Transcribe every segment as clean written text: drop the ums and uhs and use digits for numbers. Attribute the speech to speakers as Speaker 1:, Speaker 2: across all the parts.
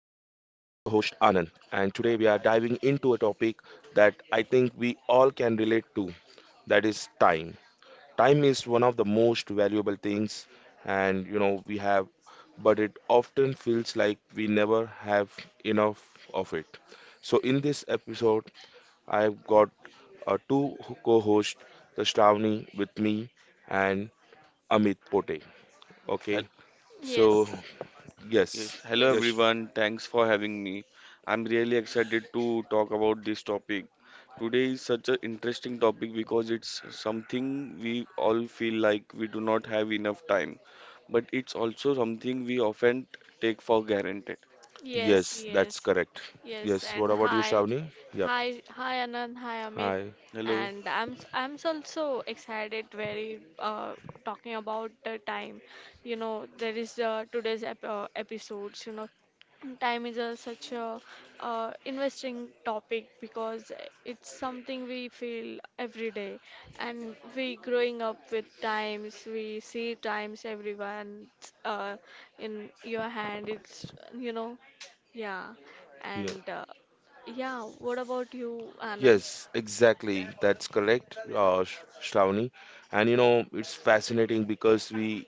Speaker 1: host Anand, and today we are diving into a topic that I think we all can relate to, that is time. Time is one of the most valuable things, and but it often feels like we never have enough of it. So, in this episode, I've got two co hosts, the Shravani with me and Amit Pote.
Speaker 2: Hel-
Speaker 1: Okay, so
Speaker 3: Yes,
Speaker 1: yes,
Speaker 2: Yes, hello
Speaker 1: yes,
Speaker 3: yes,
Speaker 2: everyone. Thanks for having me. I'm really excited to talk about this topic. Today is such an interesting topic because it's something we all feel like we do not have enough time, but it's also something we often take for granted.
Speaker 3: yes,
Speaker 1: yes, that's
Speaker 3: yes,
Speaker 1: correct.
Speaker 3: yes.
Speaker 1: Yes, what
Speaker 3: And
Speaker 1: about you,
Speaker 3: hi,
Speaker 1: Shravani? Yep.
Speaker 3: hi, Anand, hi, Amit.
Speaker 1: Hi.
Speaker 2: Hello.
Speaker 3: And I'm also excited, very talking about the time. You know, there is today's ep episodes. You know, time is a, such a investing topic because it's something we feel every day and we growing up with times we see times everyone uh, in your hand it's, yeah
Speaker 1: Yeah.
Speaker 3: and yeah. What about you, Anand?
Speaker 1: Yes, exactly. That's correct, Shravani. And you know, it's fascinating because we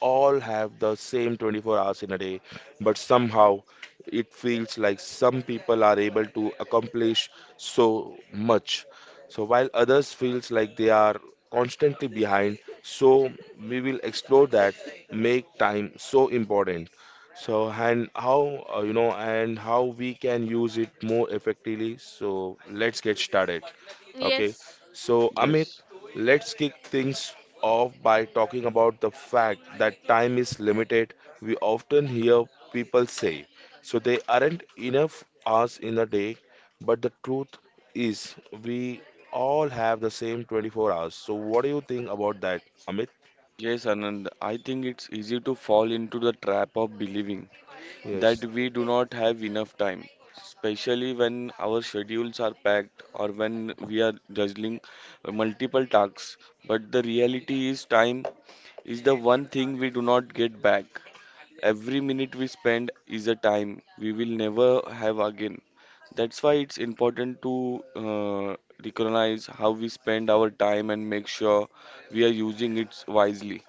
Speaker 1: all have the same 24 hours in a day, but somehow it feels like some people are able to accomplish so much. So while others feels like they are constantly behind, so we will explore that make time so important. So and how and how we can use it more effectively. So let's get started. Okay.
Speaker 3: yes
Speaker 1: So Amit,
Speaker 2: Yes.
Speaker 1: let's kick things off by talking about the fact that time is limited. We often hear people say, so there aren't enough hours in a day, but the truth is we all have the same 24 hours. So what do you think about that, Amit?
Speaker 2: Yes, Anand. I think it's easy to fall into the trap of believing that
Speaker 1: Yes.
Speaker 2: we do not have enough time, especially when our schedules are packed or when we are juggling multiple tasks. But the reality is, time is the one thing we do not get back. Every minute we spend is a time we will never have again. That's why it's important to recognize how we spend our time and make sure we are using it wisely.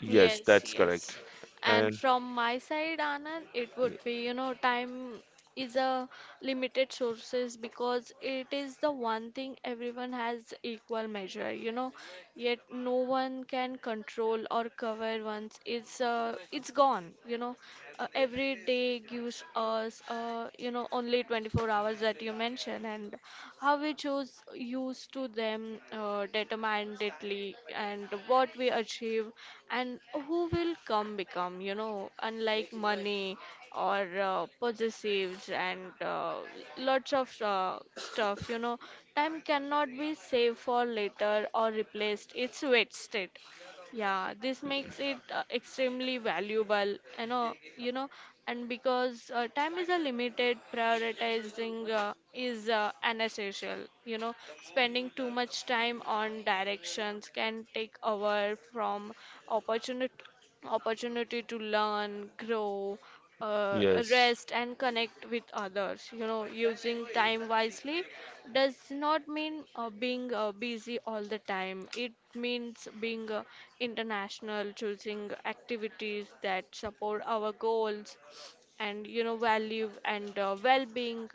Speaker 1: Yes,
Speaker 3: Yes,
Speaker 1: that's correct.
Speaker 3: yes. And
Speaker 1: And
Speaker 3: from my side, Anand, it would be, you know, time is a limited sources because it is the one thing everyone has equal measure, you know, yet no one can control or cover once it's gone, you know. Every day gives us you know, only 24 hours that you mentioned, and how we choose use to them determinedly and what we achieve and who will come become, you know, unlike money or possessives and lots of stuff, you know, time cannot be saved for later or replaced. It's wasted. Yeah, this makes it extremely valuable, you know, and because time is a limited, prioritizing is an essential, you know, spending too much time on directions can take away from opportunity opportunity to learn, grow, uh,
Speaker 1: yes.
Speaker 3: rest, and connect with others. You know, using time wisely does not mean being busy all the time. It means being international, choosing activities that support our goals and you know value and well-being.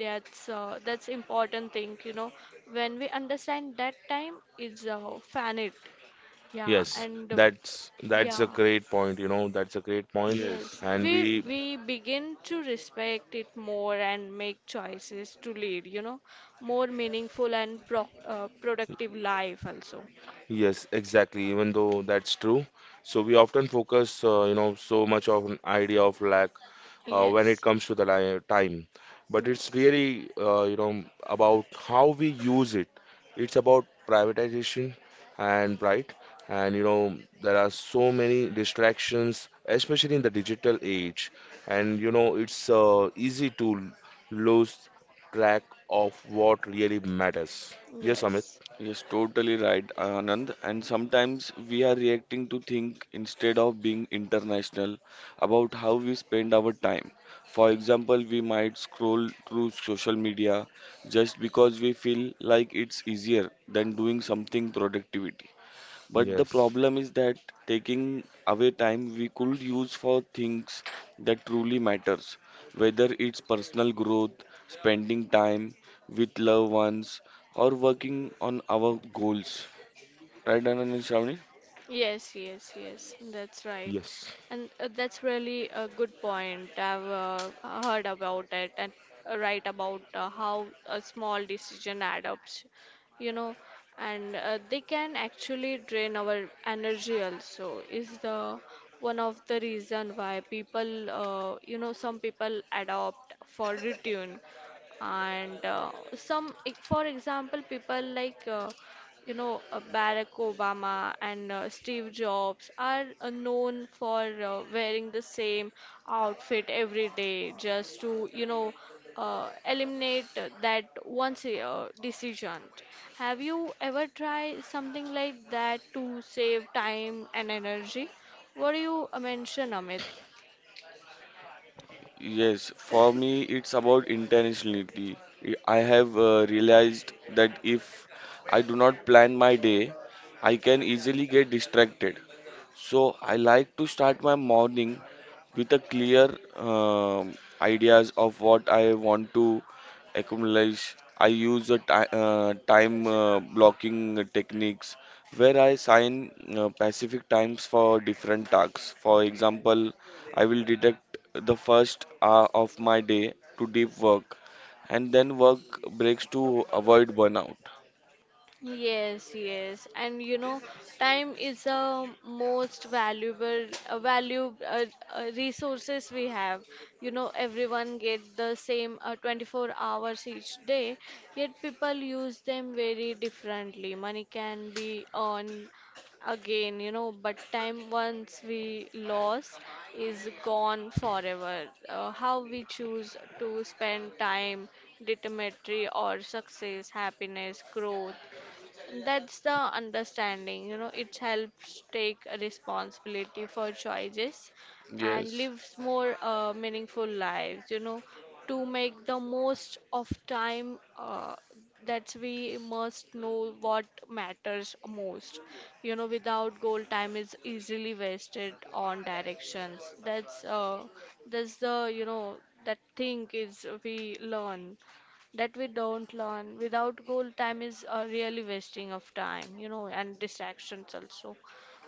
Speaker 3: That's that's important thing, you know, when we understand that time is finite. Yeah,
Speaker 1: Yes,
Speaker 3: and
Speaker 1: that's that's a
Speaker 3: yeah.
Speaker 1: great point.
Speaker 2: Yes.
Speaker 3: Yes,
Speaker 1: And
Speaker 3: we
Speaker 1: we,
Speaker 3: we begin to respect it more and make choices to lead, you know, more meaningful and productive life also.
Speaker 1: yes, exactly, even though that's true. So we often focus, so much of an idea of lack when it
Speaker 3: Yes,
Speaker 1: comes to the li time. But it's
Speaker 3: yes,
Speaker 1: really, about how we use it. It's about privatization and right. And you know, there are so many distractions, especially in the digital age. And you know, it's easy to lose track of what really matters. Yes, Amit.
Speaker 3: yes.
Speaker 2: Yes, totally right, Anand. And sometimes we are reacting to think instead of being international about how we spend our time. For example, we might scroll through social media just because we feel like it's easier than doing something productivity. But the
Speaker 1: Yes.
Speaker 2: problem is that taking away time we could use for things that truly matters, whether it's personal growth, spending time with loved ones, or working on our goals. Right, Anand and Shravani?
Speaker 3: Yes.
Speaker 1: Yes.
Speaker 3: That's right. And that's really a good point. I've heard about it, and right about how a small decision adds up, you know, and they can actually drain our energy also is the one of the reason why people, you know, some people adopt for routine and for example people like you know, Barack Obama and Steve Jobs are known for wearing the same outfit every day just to, you know, eliminate that once a decision. Have you ever tried something like that to save time and energy? What do you mention, Amit?
Speaker 2: Yes, for me, it's about intentionality. I have realized that if I do not plan my day, I can easily get distracted. So I like to start my morning with a clear ideas of what I want to accumulate. I use a ti time blocking techniques where I assign specific times for different tasks. For example, I will deduct the first hour of my day to deep work and then work breaks to avoid burnout.
Speaker 3: Yes, and you know, time is the most valuable, resources we have. You know, everyone get the same 24 hours each day, yet people use them very differently. Money can be earned again, you know, but time once we lost is gone forever. How we choose to spend time, determinatory or success, happiness, growth, that's the understanding, you know, it helps take a responsibility for choices and
Speaker 2: Yes,
Speaker 3: lives more meaningful lives, you know. To make the most of time that we must know what matters most. You know, without goal, time is easily wasted on directions. That's the, you know, that thing is We learn that we don't learn. Without goal, time is really wasting of time, you know, and distractions also.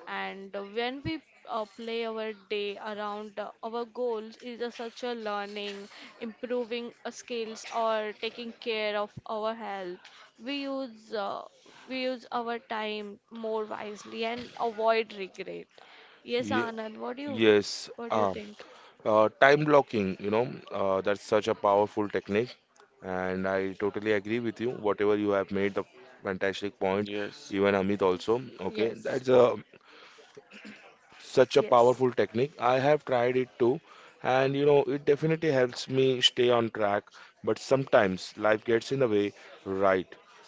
Speaker 3: And when we play our day around our goals, is a, such a learning, improving skills, or taking care of our health. We use uh, we use our time more wisely and avoid regret. Yes,
Speaker 1: Ye-
Speaker 3: Anand,
Speaker 1: yes.
Speaker 3: what do you think?
Speaker 1: Time blocking, you know, that's such a powerful technique. And I totally agree with you. Whatever you have made the fantastic point,
Speaker 2: yes,
Speaker 1: even Amit also. Okay,
Speaker 3: Yes,
Speaker 1: that's a such a
Speaker 3: yes.
Speaker 1: powerful technique. I have tried it too, and you know it definitely helps me stay on track. But sometimes life gets in the way, right?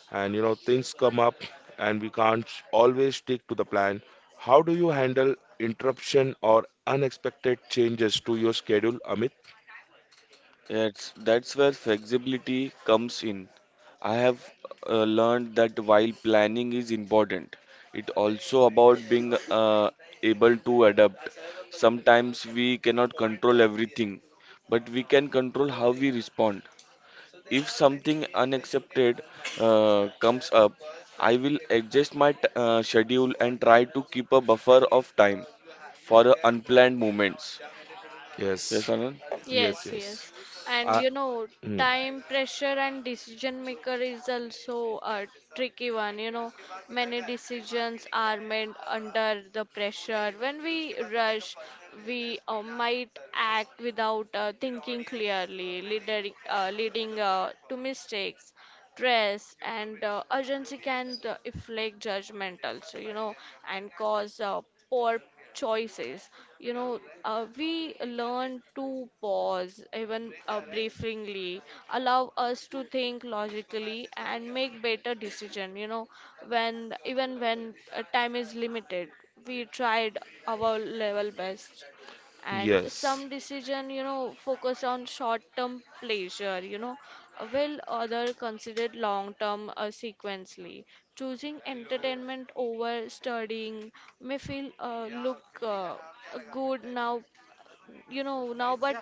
Speaker 1: And you know things come up, and we can't always stick to the plan. How do you handle interruption or unexpected changes to your schedule, Amit?
Speaker 2: yes, that's where flexibility comes in. I have learned that while planning is important, it also about being able to adapt. Sometimes we cannot control everything, but we can control how we respond. If something unaccepted comes up, I will adjust my schedule and try to keep a buffer of time for unplanned moments. Yes,
Speaker 1: Yes,
Speaker 2: Anand?
Speaker 1: yes,
Speaker 3: Yes,
Speaker 1: yes.
Speaker 3: yes. And
Speaker 1: I,
Speaker 3: you know,
Speaker 1: mm,
Speaker 3: time pressure and decision maker is also a tricky one. You know, many decisions are made under the pressure. When we rush, we might act without thinking clearly, leading to mistakes, stress, and urgency can inflict judgment also, you know, and cause poor choices. You know, we learn to pause, even briefly, allow us to think logically and make better decision. You know, when even when time is limited, we tried our level best. And
Speaker 1: yes.
Speaker 3: some decision, you know, focus on short term pleasure, you know, while other considered long term sequentially. Choosing entertainment over studying may feel look good now, but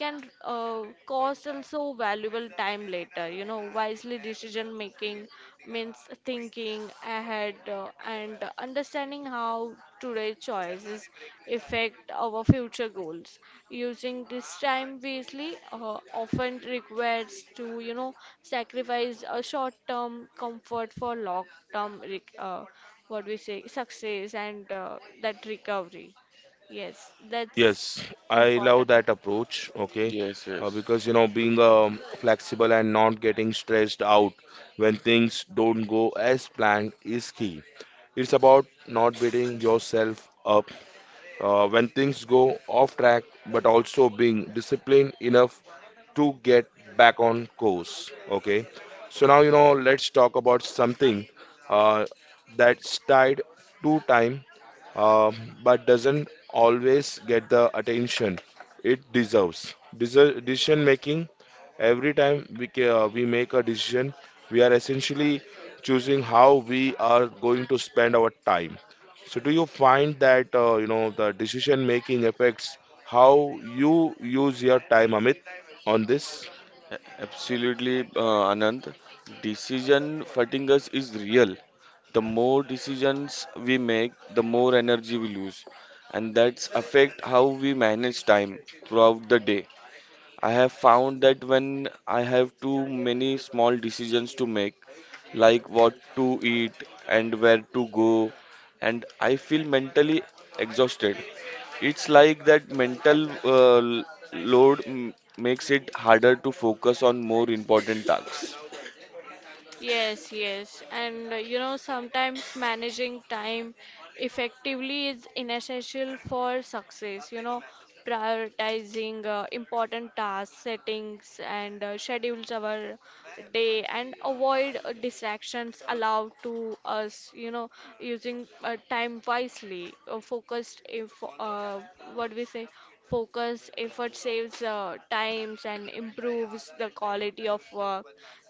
Speaker 3: can cost also valuable time later. You know, wisely decision making means thinking ahead, and understanding how today's choices affect our future goals. Using this time wisely often requires to, you know, sacrifice a short term comfort for long term rec- uh, what we say success, and that recovery. Yes, that's
Speaker 1: Yes, I love
Speaker 3: important.
Speaker 1: that approach. Okay,
Speaker 2: Yes, yes.
Speaker 1: because you know, being flexible and not getting stressed out when things don't go as planned is key. It's about not beating yourself up when things go off track, but also being disciplined enough to get back on course. Okay, so now you know, let's talk about something uh, that's tied to time uh, but doesn't always get the attention it deserves. Decision making. Every time we make a decision, we are essentially choosing how we are going to spend our time. So, do you find that the decision making affects how you use your time, Amit, on this?
Speaker 2: Absolutely, Anand. Decision fatigue is real. The more decisions we make, the more energy we lose, and that's affect how we manage time throughout the day. I have found that when I have too many small decisions to make, like what to eat and where to go, and I feel mentally exhausted. It's like that mental load makes it harder to focus on more important tasks.
Speaker 3: Yes. And you know, sometimes managing time effectively is inessential for success. You know, prioritizing important tasks, settings, and schedules our day and avoid distractions allowed to us. You know, using time wisely, focused, if, what we say, focus effort saves times and improves the quality of work.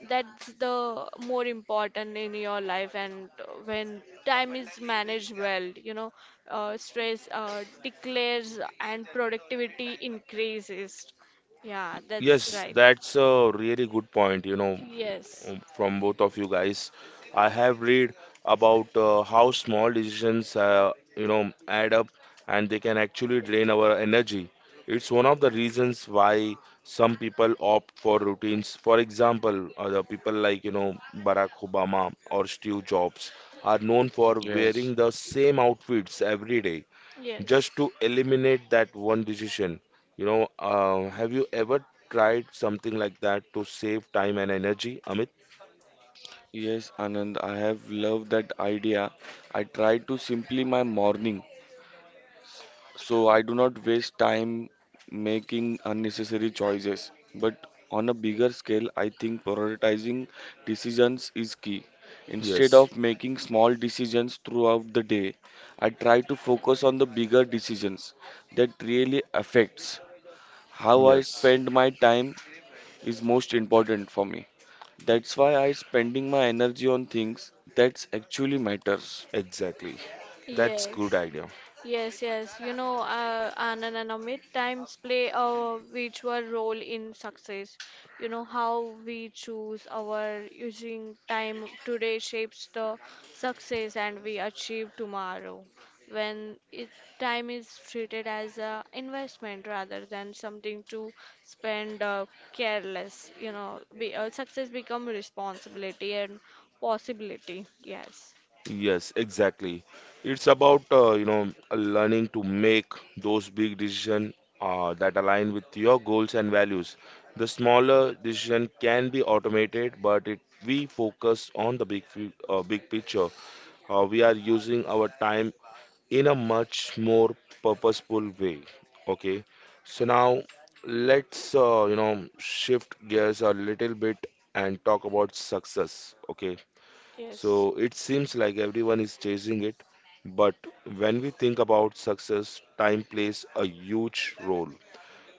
Speaker 3: That's the more important in your life. And when time is managed well, you know, stress declares and productivity increases. Yeah, that's
Speaker 1: Yes,
Speaker 3: right.
Speaker 1: that's a really good point, you know,
Speaker 3: Yes,
Speaker 1: mm, from both of you guys. I have read about how small decisions, add up and they can actually drain our energy. It's one of the reasons why some people opt for routines. For example, the people like, you know, Barack Obama or Steve Jobs are known for
Speaker 2: Yes.
Speaker 1: wearing the same outfits every day
Speaker 3: yes,
Speaker 1: just to eliminate that one decision. You know, have you ever tried something like that to save time and energy, Amit?
Speaker 2: Yes, Anand, I have loved that idea. I try to simply my morning. So I do not waste time making unnecessary choices. But on a bigger scale, I think prioritizing decisions is key. Instead
Speaker 1: Yes,
Speaker 2: of making small decisions throughout the day, I try to focus on the bigger decisions that really affects how I
Speaker 1: yes,
Speaker 2: spend my time is most important for me. That's why I spending my energy on things that actually matters.
Speaker 1: exactly. That's good
Speaker 3: yes.
Speaker 1: idea.
Speaker 3: Yes. You know, Anand and Amit, times play a virtual role in success. You know, how we choose our using time today shapes the success and we achieve tomorrow. When it, time is treated as a investment rather than something to spend careless, you know, success become responsibility and possibility. Yes,
Speaker 1: Yes, exactly. It's about learning to make those big decisions that align with your goals and values. The smaller decision can be automated, but it we focus on the big picture. We are using our time in a much more purposeful way. Okay, so now let's shift gears a little bit and talk about success. Okay, so it seems like everyone is chasing it, but when we think about success, time plays a huge role.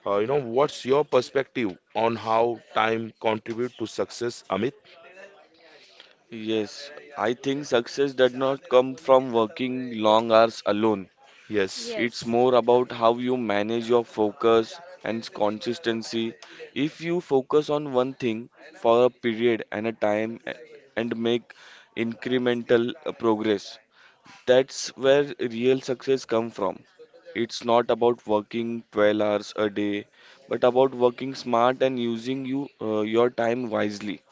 Speaker 1: What's your perspective on how time contribute to success, Amit?
Speaker 2: Yes, I think success does not come from working long hours alone.
Speaker 3: yes,
Speaker 1: Yes,
Speaker 2: It's
Speaker 3: yes.
Speaker 2: more about how you manage your focus and consistency. If you focus on one thing for a period and a and make incremental progress, that's where real success comes from. It's not about working 12 hours a day, but about working smart and using your time wisely.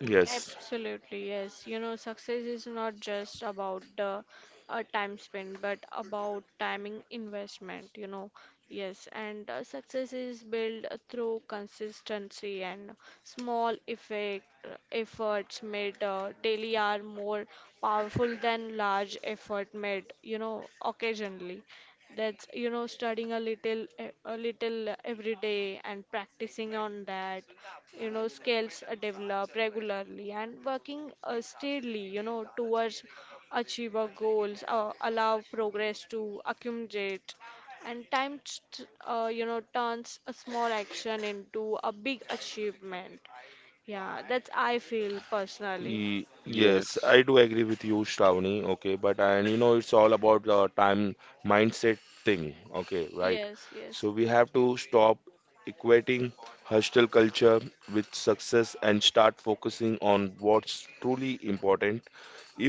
Speaker 1: yes.
Speaker 3: Absolutely, yes. You know, success is not just about the time spent, but about timing investment, you know. Yes, and success is built through consistency, and small effect efforts made daily are more powerful than large effort made, you know, occasionally. That's, you know, studying a little, a little every day, and practicing on that, you know, skills are developed regularly and working steadily, you know, towards achieve goals allow progress to accumulate, and time you know, turns a small action into a big achievement. Yeah, that's I feel personally.
Speaker 1: Yes,
Speaker 2: Yes.
Speaker 1: I do agree with you, Shravani. Okay, but and you know, it's all about the time mindset thing. Okay, right.
Speaker 3: yes yes
Speaker 1: So we have to stop equating hostel culture with success and start focusing on what's truly important.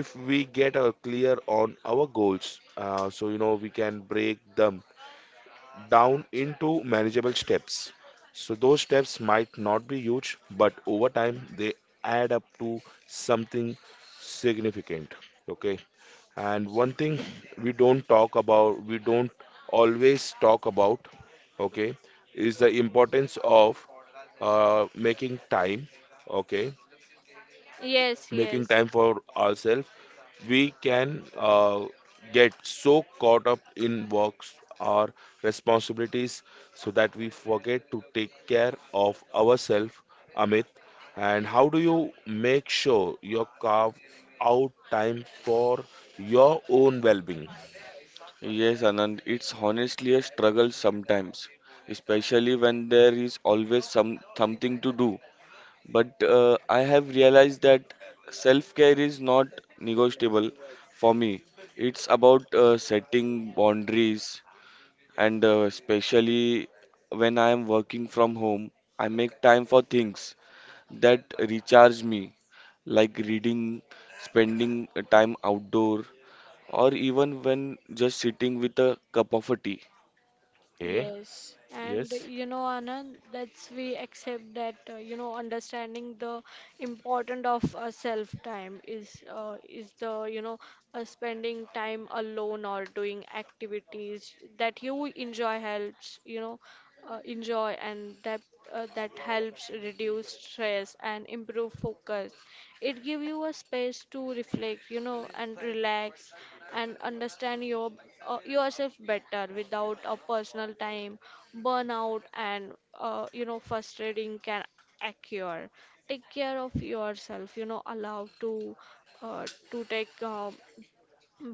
Speaker 1: If we get clear on our goals, so you know, we can break them down into manageable steps. So those steps might not be huge, but over time they add up to something significant. Okay. And one thing we don't always talk about, okay, is the importance of making time, okay,
Speaker 3: yes
Speaker 1: making
Speaker 3: yes
Speaker 1: time for ourselves. We can get so caught up in works or responsibilities so that we forget to take care of ourselves, Amit. And how do you make sure you carve out time for your own well being?
Speaker 2: Yes, Anand, it's honestly a struggle sometimes, especially when there is always some something to do. But I have realized that self-care is not negotiable for me. It's about setting boundaries, and especially when I am working from home, I make time for things that recharge me, like reading, spending time outdoor, or even when just sitting with a cup of a tea.
Speaker 1: Okay,
Speaker 3: Yes, and
Speaker 1: yes,
Speaker 3: you know, Anand, that's we accept that, you know, understanding the important of self time is the, you know, spending time alone or doing activities that you enjoy helps, you know, enjoy and that that helps reduce stress and improve focus. It gives you a space to reflect, you know, and relax and understand your yourself better. Without a personal time, burnout and you know, frustrating can take take care of yourself, you know, allow uh, to take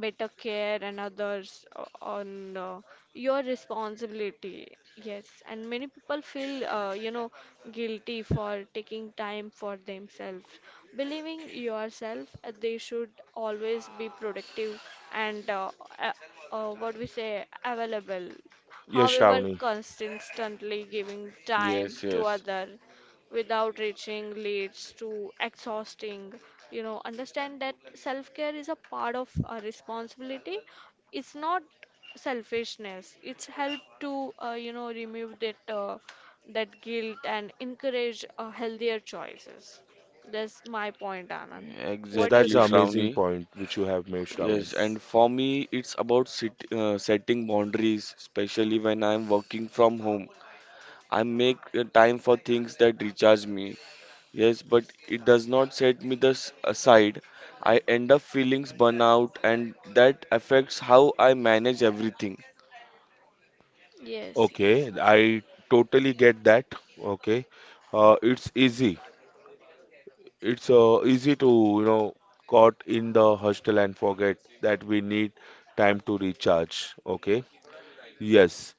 Speaker 3: better care and others on your responsibility. Yes, and many people feel you know, guilty for taking time for themselves, believing yourself they should always be productive, and uh, what we say available.
Speaker 1: yes,
Speaker 3: However,
Speaker 1: Shravani.
Speaker 3: constantly giving time
Speaker 2: Yes,
Speaker 3: to
Speaker 2: yes,
Speaker 3: other without reaching leads to exhausting. You know, understand that self care is a part of our responsibility. It's not selfishness. It's help to you know, remove that that guilt and encourage healthier choices. That's my point, Anand.
Speaker 1: Yes,
Speaker 3: What do you
Speaker 1: that's
Speaker 2: exactly,
Speaker 1: an
Speaker 3: think?
Speaker 1: amazing
Speaker 2: Shravani.
Speaker 1: point which you have made, Shravani.
Speaker 2: Yes,
Speaker 3: yes
Speaker 2: and for me, it's about setting boundaries, especially when I'm working from home. I make time for things that recharge me. Yes, but it does not set me this aside. I end up feeling burnout, and that affects how I manage everything.
Speaker 3: yes yes
Speaker 1: Okay, I totally get that. Okay, uh, it's easy it's easy to you know caught in the hostel and forget that we need time to recharge. Okay, yes,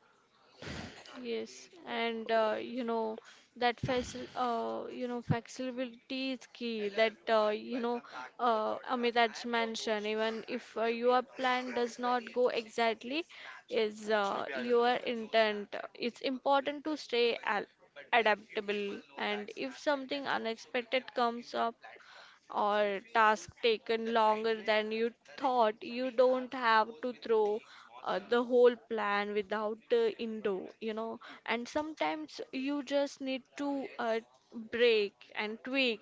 Speaker 3: Yes, and you know, that facil you know, flexibility is key. That, you know, Amit that's mentioned. Even if your plan does not go exactly is your intent, it's important to stay al adaptable. And if something unexpected comes up, or task taken longer than you thought, you don't have to throw the whole plan without indo, you know. And sometimes you just need to break and tweak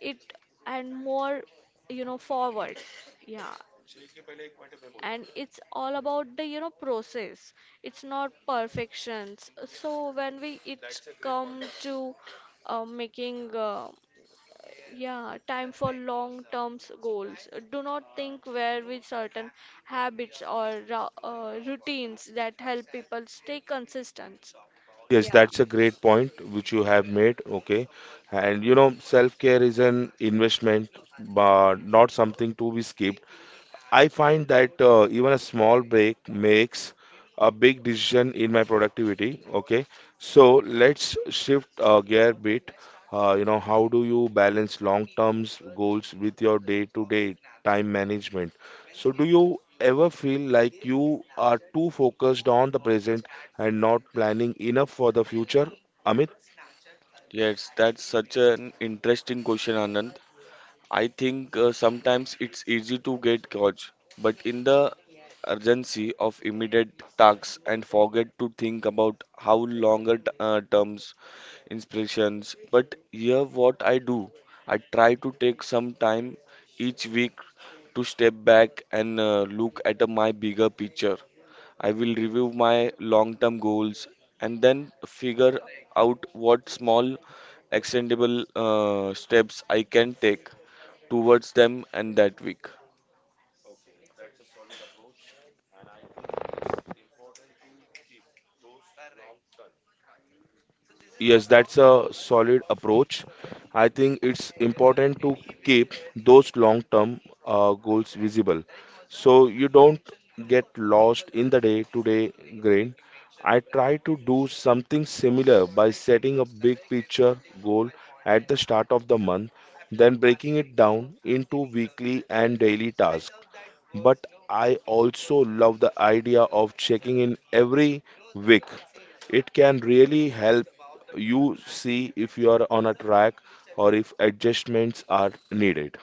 Speaker 3: it, and more, you know, forward. Yeah, and it's all about the, you know, process. It's not perfections. So when we it come to making yeah, time for long-term goals, do not think where with certain habits or routines that help people stay consistent.
Speaker 1: yes,
Speaker 3: Yeah.
Speaker 1: that's a great point which you have made. Okay, and you know self care is an investment but not something to be skipped. I find that even a small break makes a big decision in my productivity. Okay, so let's shift gear a bit. How do you balance long-term goals with your day-to-day time management? So, do you ever feel like you are too focused on the present and not planning enough for the future, Amit?
Speaker 2: Yes, that's such an interesting question, Anand. I think sometimes it's easy to get caught, but in the urgency of immediate tasks and forget to think about how longer terms inspirations. But here, what I do, I try to take some time each week to step back and look at my bigger picture. I will review my long term goals and then figure out what small, extendable steps I can take towards them and that week.
Speaker 1: Yes, that's a solid approach. I think it's important to keep those long-term goals visible so you don't get lost in the day-to-day grind. I try to do something similar by setting a big picture goal at the start of the month, then breaking it down into weekly and daily tasks, but I also love the idea of checking in every week. It can really help you see if you are on a track or if adjustments are needed.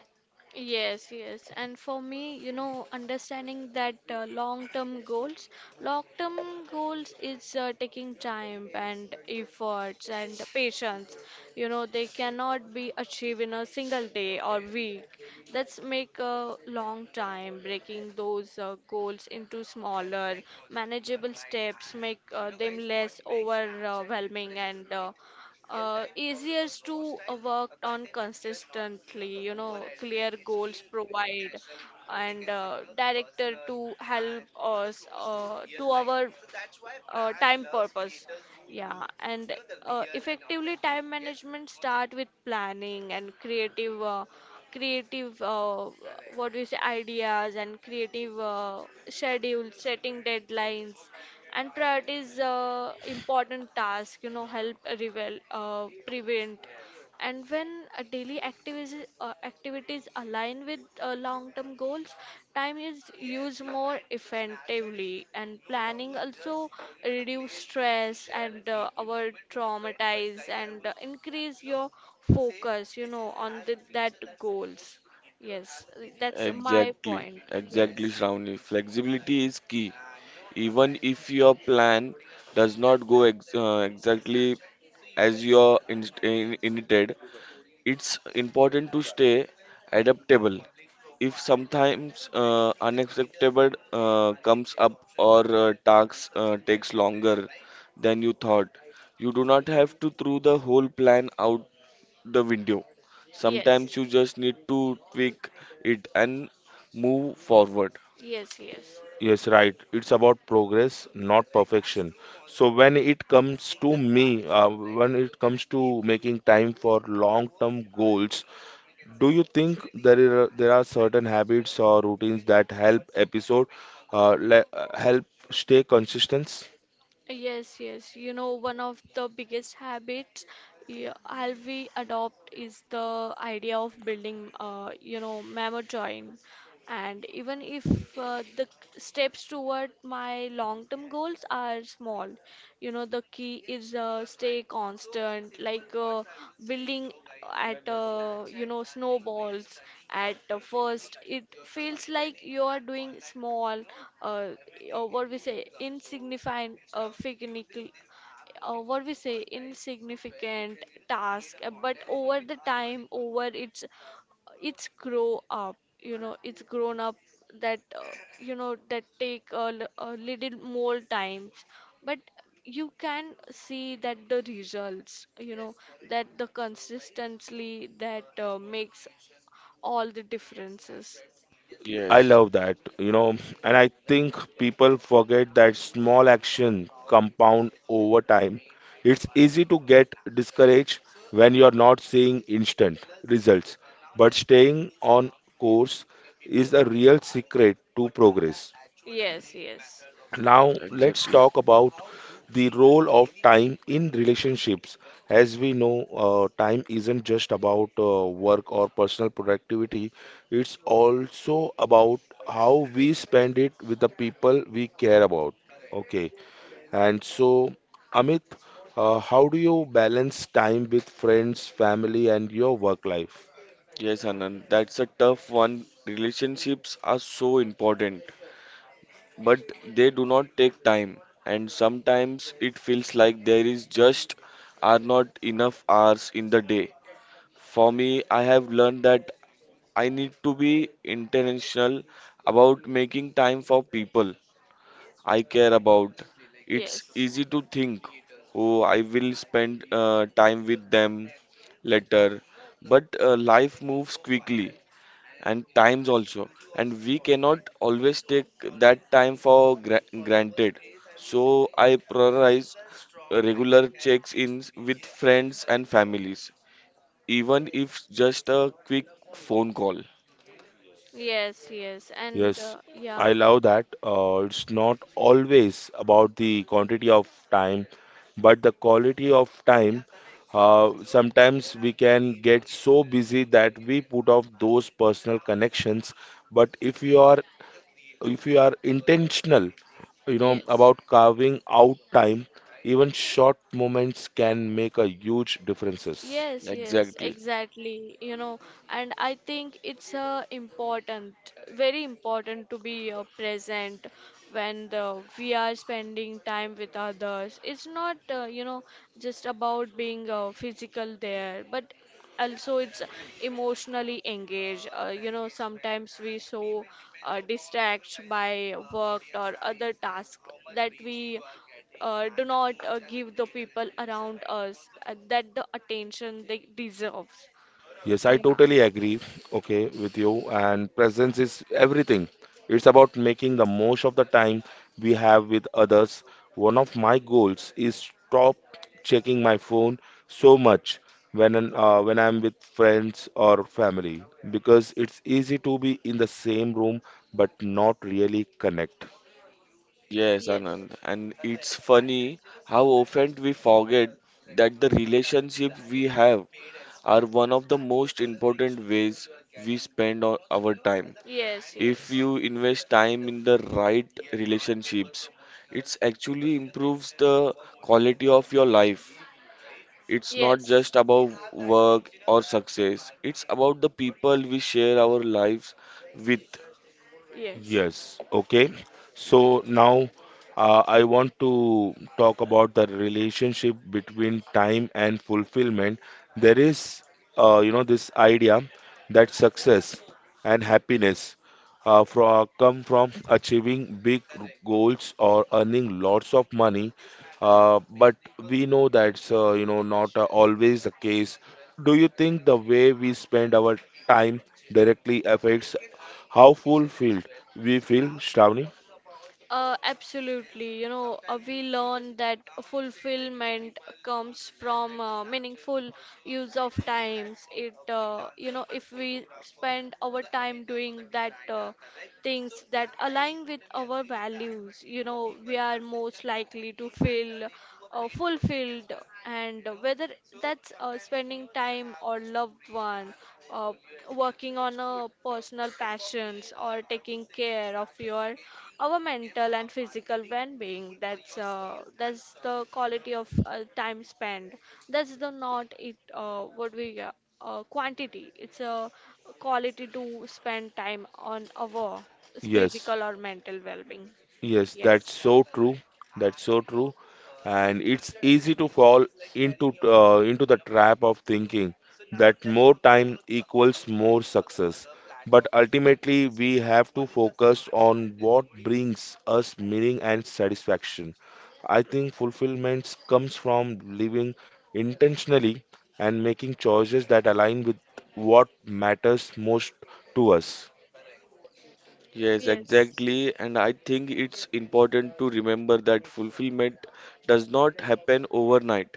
Speaker 3: Yes. And for me, you know, understanding that long-term goals is taking time and efforts and patience. You know, they cannot be achieved in a single day or week. That's make a long time. Breaking those goals into smaller, manageable steps make them less overwhelming and easier to work on consistently. You know, clear goals provide and director to help us to our time purpose. Yeah, and effectively time management start with planning and creative, what we say, ideas and creative, schedules, setting deadlines and priorities important task. You know, help prevent. And when daily activities activities align with long term goals, time is used more effectively, and planning also reduce stress and our traumatize and increase your focus, you know, on the, that goals. Yes, that's my
Speaker 2: Exactly,
Speaker 3: point.
Speaker 2: exactly,
Speaker 3: yes
Speaker 2: Shravani. Flexibility is key. Even if your plan does not go ex exactly as you intended, it's important to stay adaptable. If sometimes unexpected comes up or tasks takes longer than you thought, you do not have to throw the whole plan out the window. Sometimes
Speaker 3: yes
Speaker 2: you just need to tweak it and move forward.
Speaker 3: yes yes
Speaker 1: Yes, right. It's about progress, not perfection. So when it comes to making time for long-term goals, do you think there are certain habits or routines that help help stay consistent?
Speaker 3: Yes, yes. You know, one of the biggest habits, yeah, I'll we adopt is the idea of building, you know, memo join. And even if the steps toward my long-term goals are small, you know, the key is stay constant. Like, building at, you know, snowballs at, first it feels like you are doing small, uh, or what we say insignificant, what we say insignificant task, but over the time, over its, it's grow up, you know, it's grown up, that, you know, that take a, a little more time, but you can see that the results, you know, that the consistency that makes all the differences.
Speaker 1: I
Speaker 2: Yes,
Speaker 1: love that, you know, and I think people forget that small action compound over time. It's easy to get discouraged when you're not seeing instant results, but staying on course is a real secret to progress.
Speaker 3: Yes, yes,
Speaker 1: Now, let's
Speaker 2: exactly.
Speaker 1: talk about the role of time in relationships. As we know, time isn't just about work or personal productivity, it's also about how we spend it with the people we care about. Okay, and so, Amit, how do you balance time with friends, family, and your work life?
Speaker 2: Yes, Anand, that's a tough one. Relationships are so important, but they do not take time, and sometimes it feels like there is just are not enough hours in the day. For me, I have learned that I need to be intentional about making time for people I care about. It's
Speaker 3: yes,
Speaker 2: easy to think, oh, I will spend time with them later. But life moves quickly and times also, and we cannot always take that time for granted. So I prioritize regular checks-ins with friends and families, even if just a quick phone call.
Speaker 3: yes, yes, and
Speaker 1: Yes, I
Speaker 3: yeah.
Speaker 1: love that. It's not always about the quantity of time, but the quality of time. Sometimes we can get so busy that we put off those personal connections. But if you are intentional, you know,
Speaker 3: Yes.
Speaker 1: about carving out time, even short moments can make a huge differences.
Speaker 3: Yes, yes,
Speaker 2: Exactly.
Speaker 3: exactly. You know, and I think it's important, very important to be present when we are spending time with others. It's not, you know, just about being physical there, but also it's emotionally engaged. You know, sometimes we so distract by work or other tasks that we do not give the people around us that the attention they deserve.
Speaker 1: Yes, I
Speaker 3: Yeah.
Speaker 1: totally agree, okay, with you. And presence is everything. It's about making the most of the time we have with others. One of my goals is stop checking my phone so much when when I'm with friends or family, because it's easy to be in the same room but not really connect.
Speaker 2: Yes,
Speaker 3: Yes.
Speaker 2: Anand. And it's funny how often we forget that the relationship we have are one of the most important ways we spend on our time.
Speaker 3: Yes.
Speaker 2: If
Speaker 3: Yes.
Speaker 2: you invest time in the right relationships, it actually improves the quality of your life. It's not
Speaker 3: Yes.
Speaker 2: just about work or success, it's about the people we share our lives with.
Speaker 3: Yes.
Speaker 1: Yes, okay. So now I want to talk about the relationship between time and fulfillment. There is, this idea that success and happiness come from achieving big goals or earning lots of money. But we know that's, not always the case. Do you think the way we spend our time directly affects? How fulfilled we feel, Shravani?
Speaker 3: Absolutely. You know, we learn that fulfillment comes from meaningful use of times. It, you know, if we spend our time doing that, things that align with our values, you know, we are most likely to feel fulfilled. And whether that's spending time or loved one, uh, working on a personal passions or taking care of your our mental and physical well-being, that's that's the quality of time spent, that's the not it, what we quantity, it's a quality to spend time on our
Speaker 1: Yes.
Speaker 3: physical or mental well-being.
Speaker 1: Yes, that's
Speaker 3: Yes,
Speaker 1: so true. That's so true. And it's easy to fall into the trap of thinking that more time equals more success. But ultimately, we have to focus on what brings us meaning and satisfaction. I think fulfillment comes from living intentionally and making choices that align with what matters most to us.
Speaker 2: Yes,
Speaker 3: yes,
Speaker 2: exactly. And I think it's important to remember that fulfillment does not happen overnight.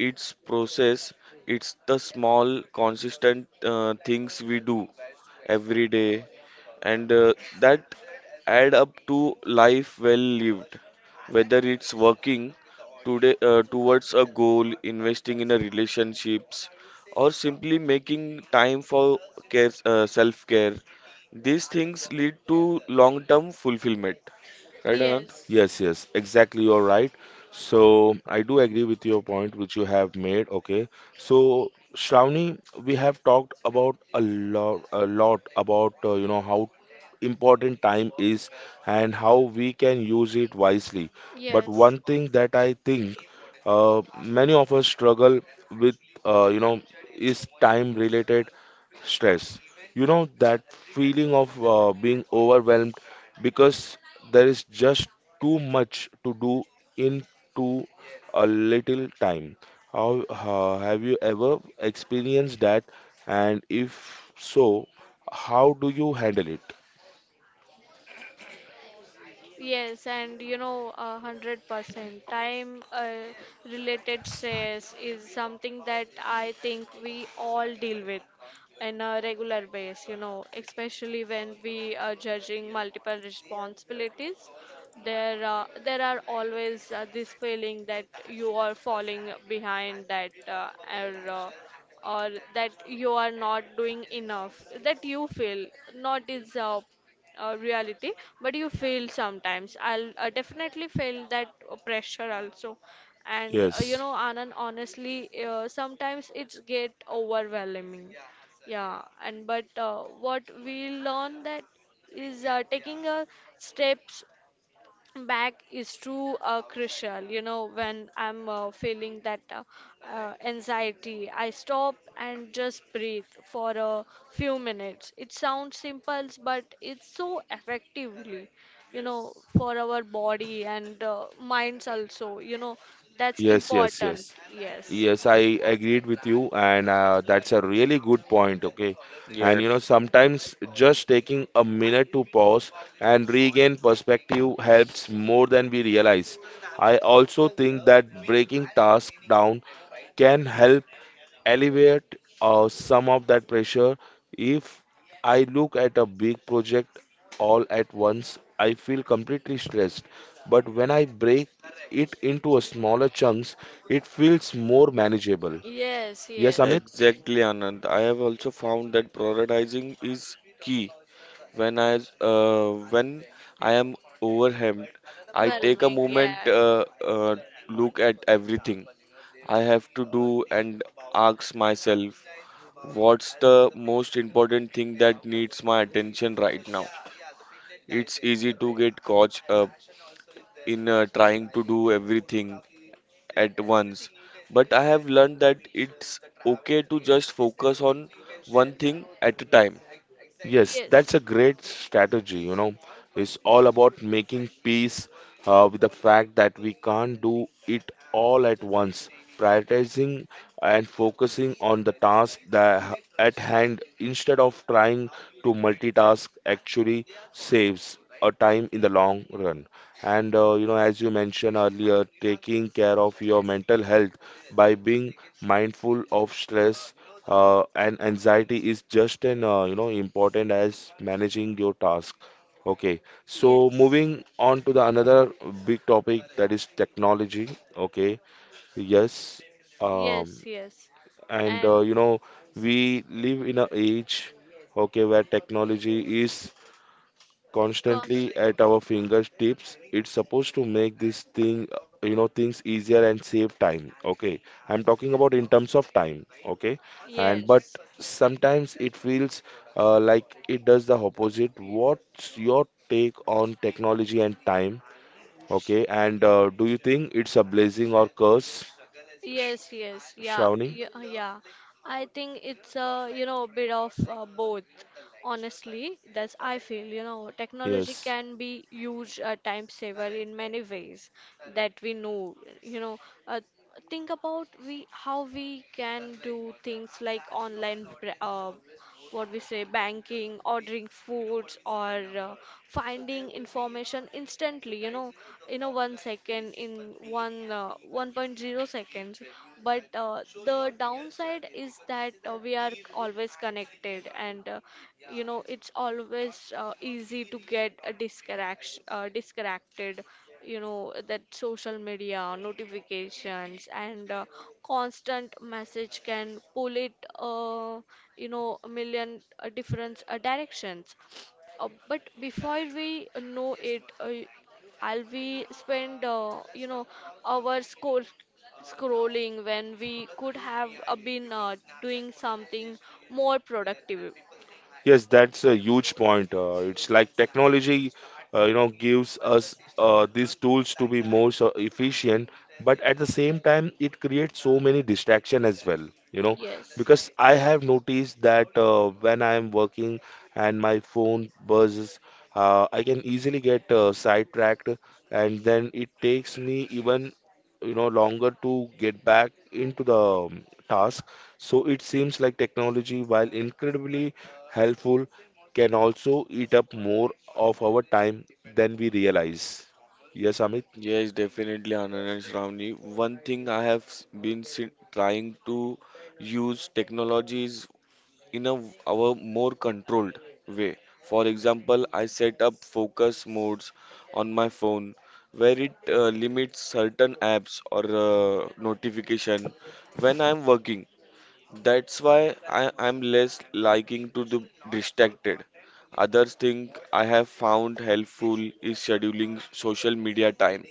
Speaker 2: Its process. It's the small consistent things we do every day and that add up to life well lived, whether it's working today towards a goal, investing in a relationships, or simply making time for care self care. These things lead to long term fulfillment, right, Anand?
Speaker 3: yes,
Speaker 1: Yes, yes, exactly. You're right. So I do agree with your point, which you have made. Okay. So Shravani, we have talked about a lot about how important time is and how we can use it wisely. But
Speaker 3: yes.
Speaker 1: one thing that I think many of us struggle with, uh, you know, is time-related stress. You know that feeling of being overwhelmed because there is just too much to do in too a little time. How have you ever experienced that? And if so, how do you handle it?
Speaker 3: Yes, and you know, 100%. Time related stress is something that I think we all deal with in a regular base, you know, especially when we are judging multiple responsibilities. There are always this feeling that you are falling behind, that, or, uh, or that you are not doing enough, that you feel not is, reality, but you feel sometimes I'll definitely feel that pressure also. And, you
Speaker 1: Yes,
Speaker 3: know, Anand, honestly, sometimes it's get overwhelming, yeah. And but what we learn that is taking a steps back is too crucial, you know. When I'm feeling that, anxiety, I stop and just breathe for a few minutes. It sounds simple, but it's so effectively, you know, for our body and minds also, you know, that's
Speaker 1: yes, yes,
Speaker 3: important.
Speaker 1: yes.
Speaker 3: Yes,
Speaker 1: Yes, I agreed with you, and that's a really good point. Okay, and you know,
Speaker 2: Yes.
Speaker 1: sometimes just taking a minute to pause and regain perspective helps more than we realize. I also think that breaking tasks down can help alleviate some of that pressure. If I look at a big project all at once, I feel completely stressed. But when I break it into a smaller chunks, it feels more manageable.
Speaker 3: yes,
Speaker 1: Yes,
Speaker 3: yes,
Speaker 1: Amit?
Speaker 2: Exactly, Anand. I have also found that prioritizing is key. When I am overwhelmed, I take a
Speaker 3: whelming,
Speaker 2: moment,
Speaker 3: yeah,
Speaker 2: uh, look at everything I have to do, and ask myself, what's the most important thing that needs my attention right now? It's easy to get caught up in trying to do everything at once. But I have learned that it's okay to just focus on one thing at a time.
Speaker 1: Yes,
Speaker 3: yes,
Speaker 1: that's a great strategy, you know. It's all about making peace with the fact that we can't do it all at once. Prioritizing and focusing on the task that at hand instead of trying to multitask actually saves a time in the long run. And you know, as you mentioned earlier, taking care of your mental health by being mindful of stress and anxiety is just an you know important as managing your task. Okay, so
Speaker 3: yes,
Speaker 1: moving on to the another big topic that is technology. Okay, yes,
Speaker 3: yes,
Speaker 1: um,
Speaker 3: yes,
Speaker 1: and
Speaker 3: and
Speaker 1: you know we live in an age, okay, where technology is
Speaker 3: cons-
Speaker 1: constantly at our fingertips. It's supposed to make this thing, you know, things easier and save time. Okay, I'm talking about in terms of time. Okay, and but
Speaker 3: Yes.
Speaker 1: sometimes it feels like it does the opposite. What's your take on technology and time? Okay, and do you think it's a blessing or curse, Sh
Speaker 3: Yes, yes, yeah,
Speaker 1: Shravani?
Speaker 3: yeah, yeah. I think it's a, you know, bit of both. Honestly, that's I feel, you know, technology
Speaker 1: Yes.
Speaker 3: can be huge time saver in many ways that we know, you know, uh, think about we how we can do things like online, what we say banking, ordering foods or finding information instantly, you know, in a 1 second, in one 1.0 seconds. But the downside is that we are always connected, and you know, it's always easy to get a disconnected. You know, that social media notifications and constant message can pull it, uh, you know, a million different directions. But before we know it, I'll be spend, you know, hours, scrolling, when we could have been doing something more productive.
Speaker 1: Yes, that's a huge point. It's like technology, you know, gives us these tools to be more so efficient, but at the same time, it creates so many distraction as well. You know,
Speaker 3: Yes.
Speaker 1: because I have noticed that when I am working and my phone buzzes, I can easily get sidetracked, and then it takes me even you know longer to get back into the task. So it seems like technology, while incredibly helpful, can also eat up more of our time than we realize. Yes, Amit?
Speaker 2: Yes, definitely, Anand and Shravani. One thing I have trying to use technologies in a our more controlled way. For example, I set up focus modes on my phone where it limits certain apps or notification when I'm working. That's why I, I'm less liking to the distracted. Others think I have found helpful is scheduling social media time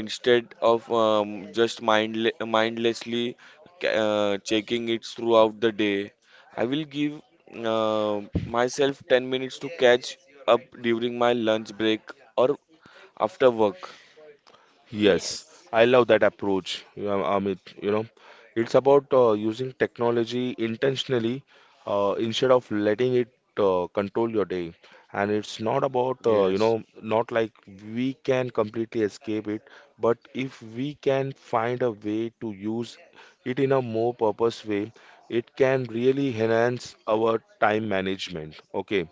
Speaker 2: instead of just mindlessly checking it throughout the day. I will give myself 10 minutes to catch up during my lunch break or after work.
Speaker 1: Yes,
Speaker 3: Yes.
Speaker 1: I love that approach, you know, Amit. You know, it's about using technology intentionally instead of letting it control your day. And it's not about, you
Speaker 2: Yes,
Speaker 1: know, not like we can completely escape it, but if we can find a way to use it in a more purpose way, it can really enhance our time management. Okay.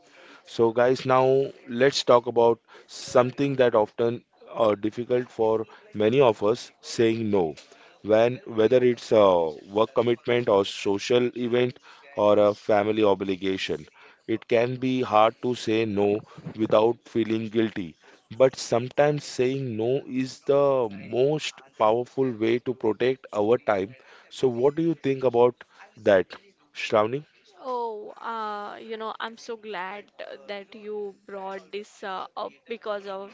Speaker 1: So, guys, now let's talk about something that often difficult for many of us saying no, when whether it's a work commitment or social event or a family obligation, it can be hard to say no without feeling guilty, but sometimes saying no is the most powerful way to protect our time. So what do you think about that, Shravani?
Speaker 3: Oh, you know, I'm so glad that you brought this up, because of,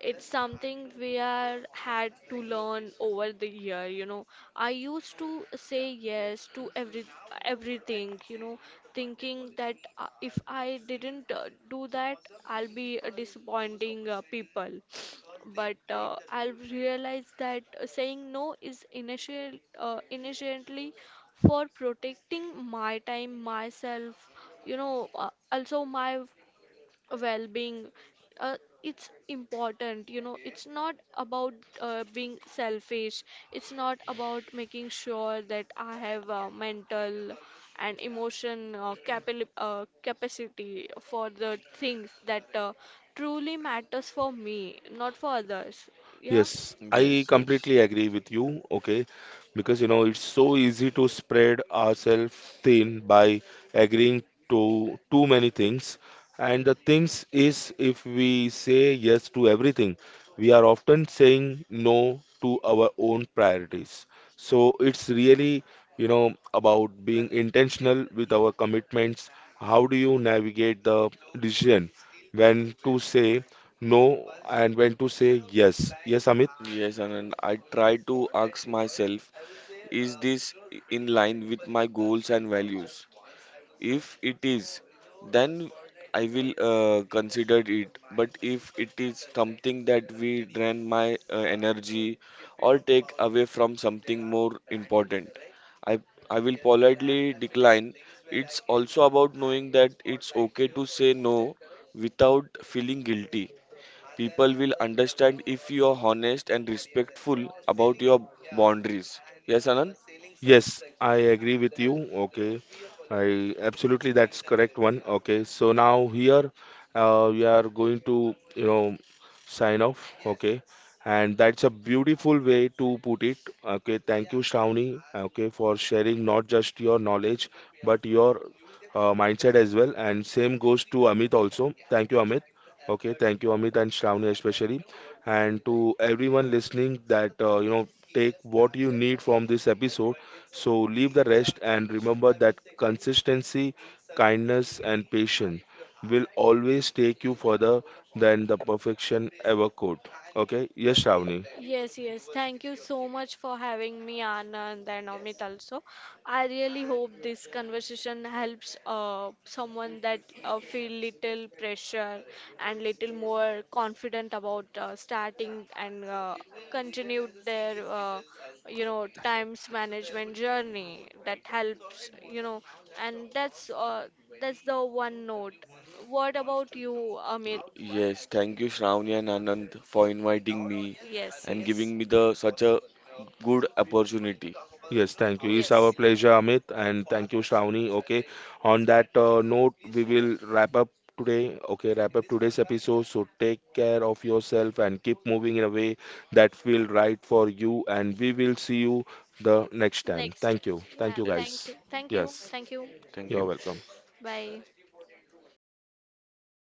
Speaker 3: it's something we are had to learn over the year, you know. I used to say yes to everything, you know, thinking that if I didn't do that, I'll be disappointing people. But I'll realize that saying no is initially for protecting my time, myself, you know, also my well-being, uh, it's important, you know. It's not about being selfish, it's not about making sure that I have mental and emotion, capacity for the things that truly matters for me, not for others, yeah.
Speaker 1: Yes, I
Speaker 2: yes, yes.
Speaker 1: completely agree with you. Okay, because you know it's so easy to spread ourselves thin by agreeing to too many things. And the things is, if we say yes to everything, we are often saying no to our own priorities. So it's really, you know, about being intentional with our commitments. How do you navigate the decision when to say no and when to say yes? Yes, Amit?
Speaker 2: Yes, and I try to ask myself, is this in line with my goals and values? If it is, then I will consider it. But if it is something that we drain my energy or take away from something more important, I I will politely decline. It's also about knowing that it's okay to say no without feeling guilty. People will understand if you are honest and respectful about your boundaries. Yes, Anand?
Speaker 1: Yes, I agree with you. Okay, I absolutely that's correct one. Okay, so now here we are going to you know sign off. Okay, and that's a beautiful way to put it. Okay, thank you, Shravani. Okay, for sharing not just your knowledge but your mindset as well. And same goes to Amit also. Thank you, Amit. Okay, thank you, Amit and Shravani especially, and to everyone listening that you know take what you need from this episode, so leave the rest and remember that consistency, kindness, and patience will always take you further than the perfection ever could. Okay? Yes, Shravani.
Speaker 3: Yes, yes. Thank you so much for having me, Anand and Amit also. I really hope this conversation helps someone that feel little pressure and little more confident about starting and continue their, you know, times management journey, that helps, you know. And that's, that's the one note. What about you, Amit?
Speaker 2: Yes, thank you, Shravani and Anand, for inviting me
Speaker 3: Yes,
Speaker 2: and
Speaker 3: yes,
Speaker 2: giving me the such a good opportunity.
Speaker 1: Yes, thank you. It's our
Speaker 3: yes.
Speaker 1: pleasure, Amit, and thank you, Shravani. Okay. On that note, we will wrap up today. Okay, wrap up today's episode. So take care of yourself and keep moving in a way that feel right for you. And we will see you the next time.
Speaker 3: Next time.
Speaker 1: Thank you.
Speaker 3: Yeah.
Speaker 1: Thank you,
Speaker 2: Yes,
Speaker 3: Thank
Speaker 1: guys.
Speaker 3: you, thank you,
Speaker 1: Yes,
Speaker 3: thank you.
Speaker 2: thank
Speaker 1: you're
Speaker 2: you.
Speaker 1: welcome.
Speaker 3: Bye.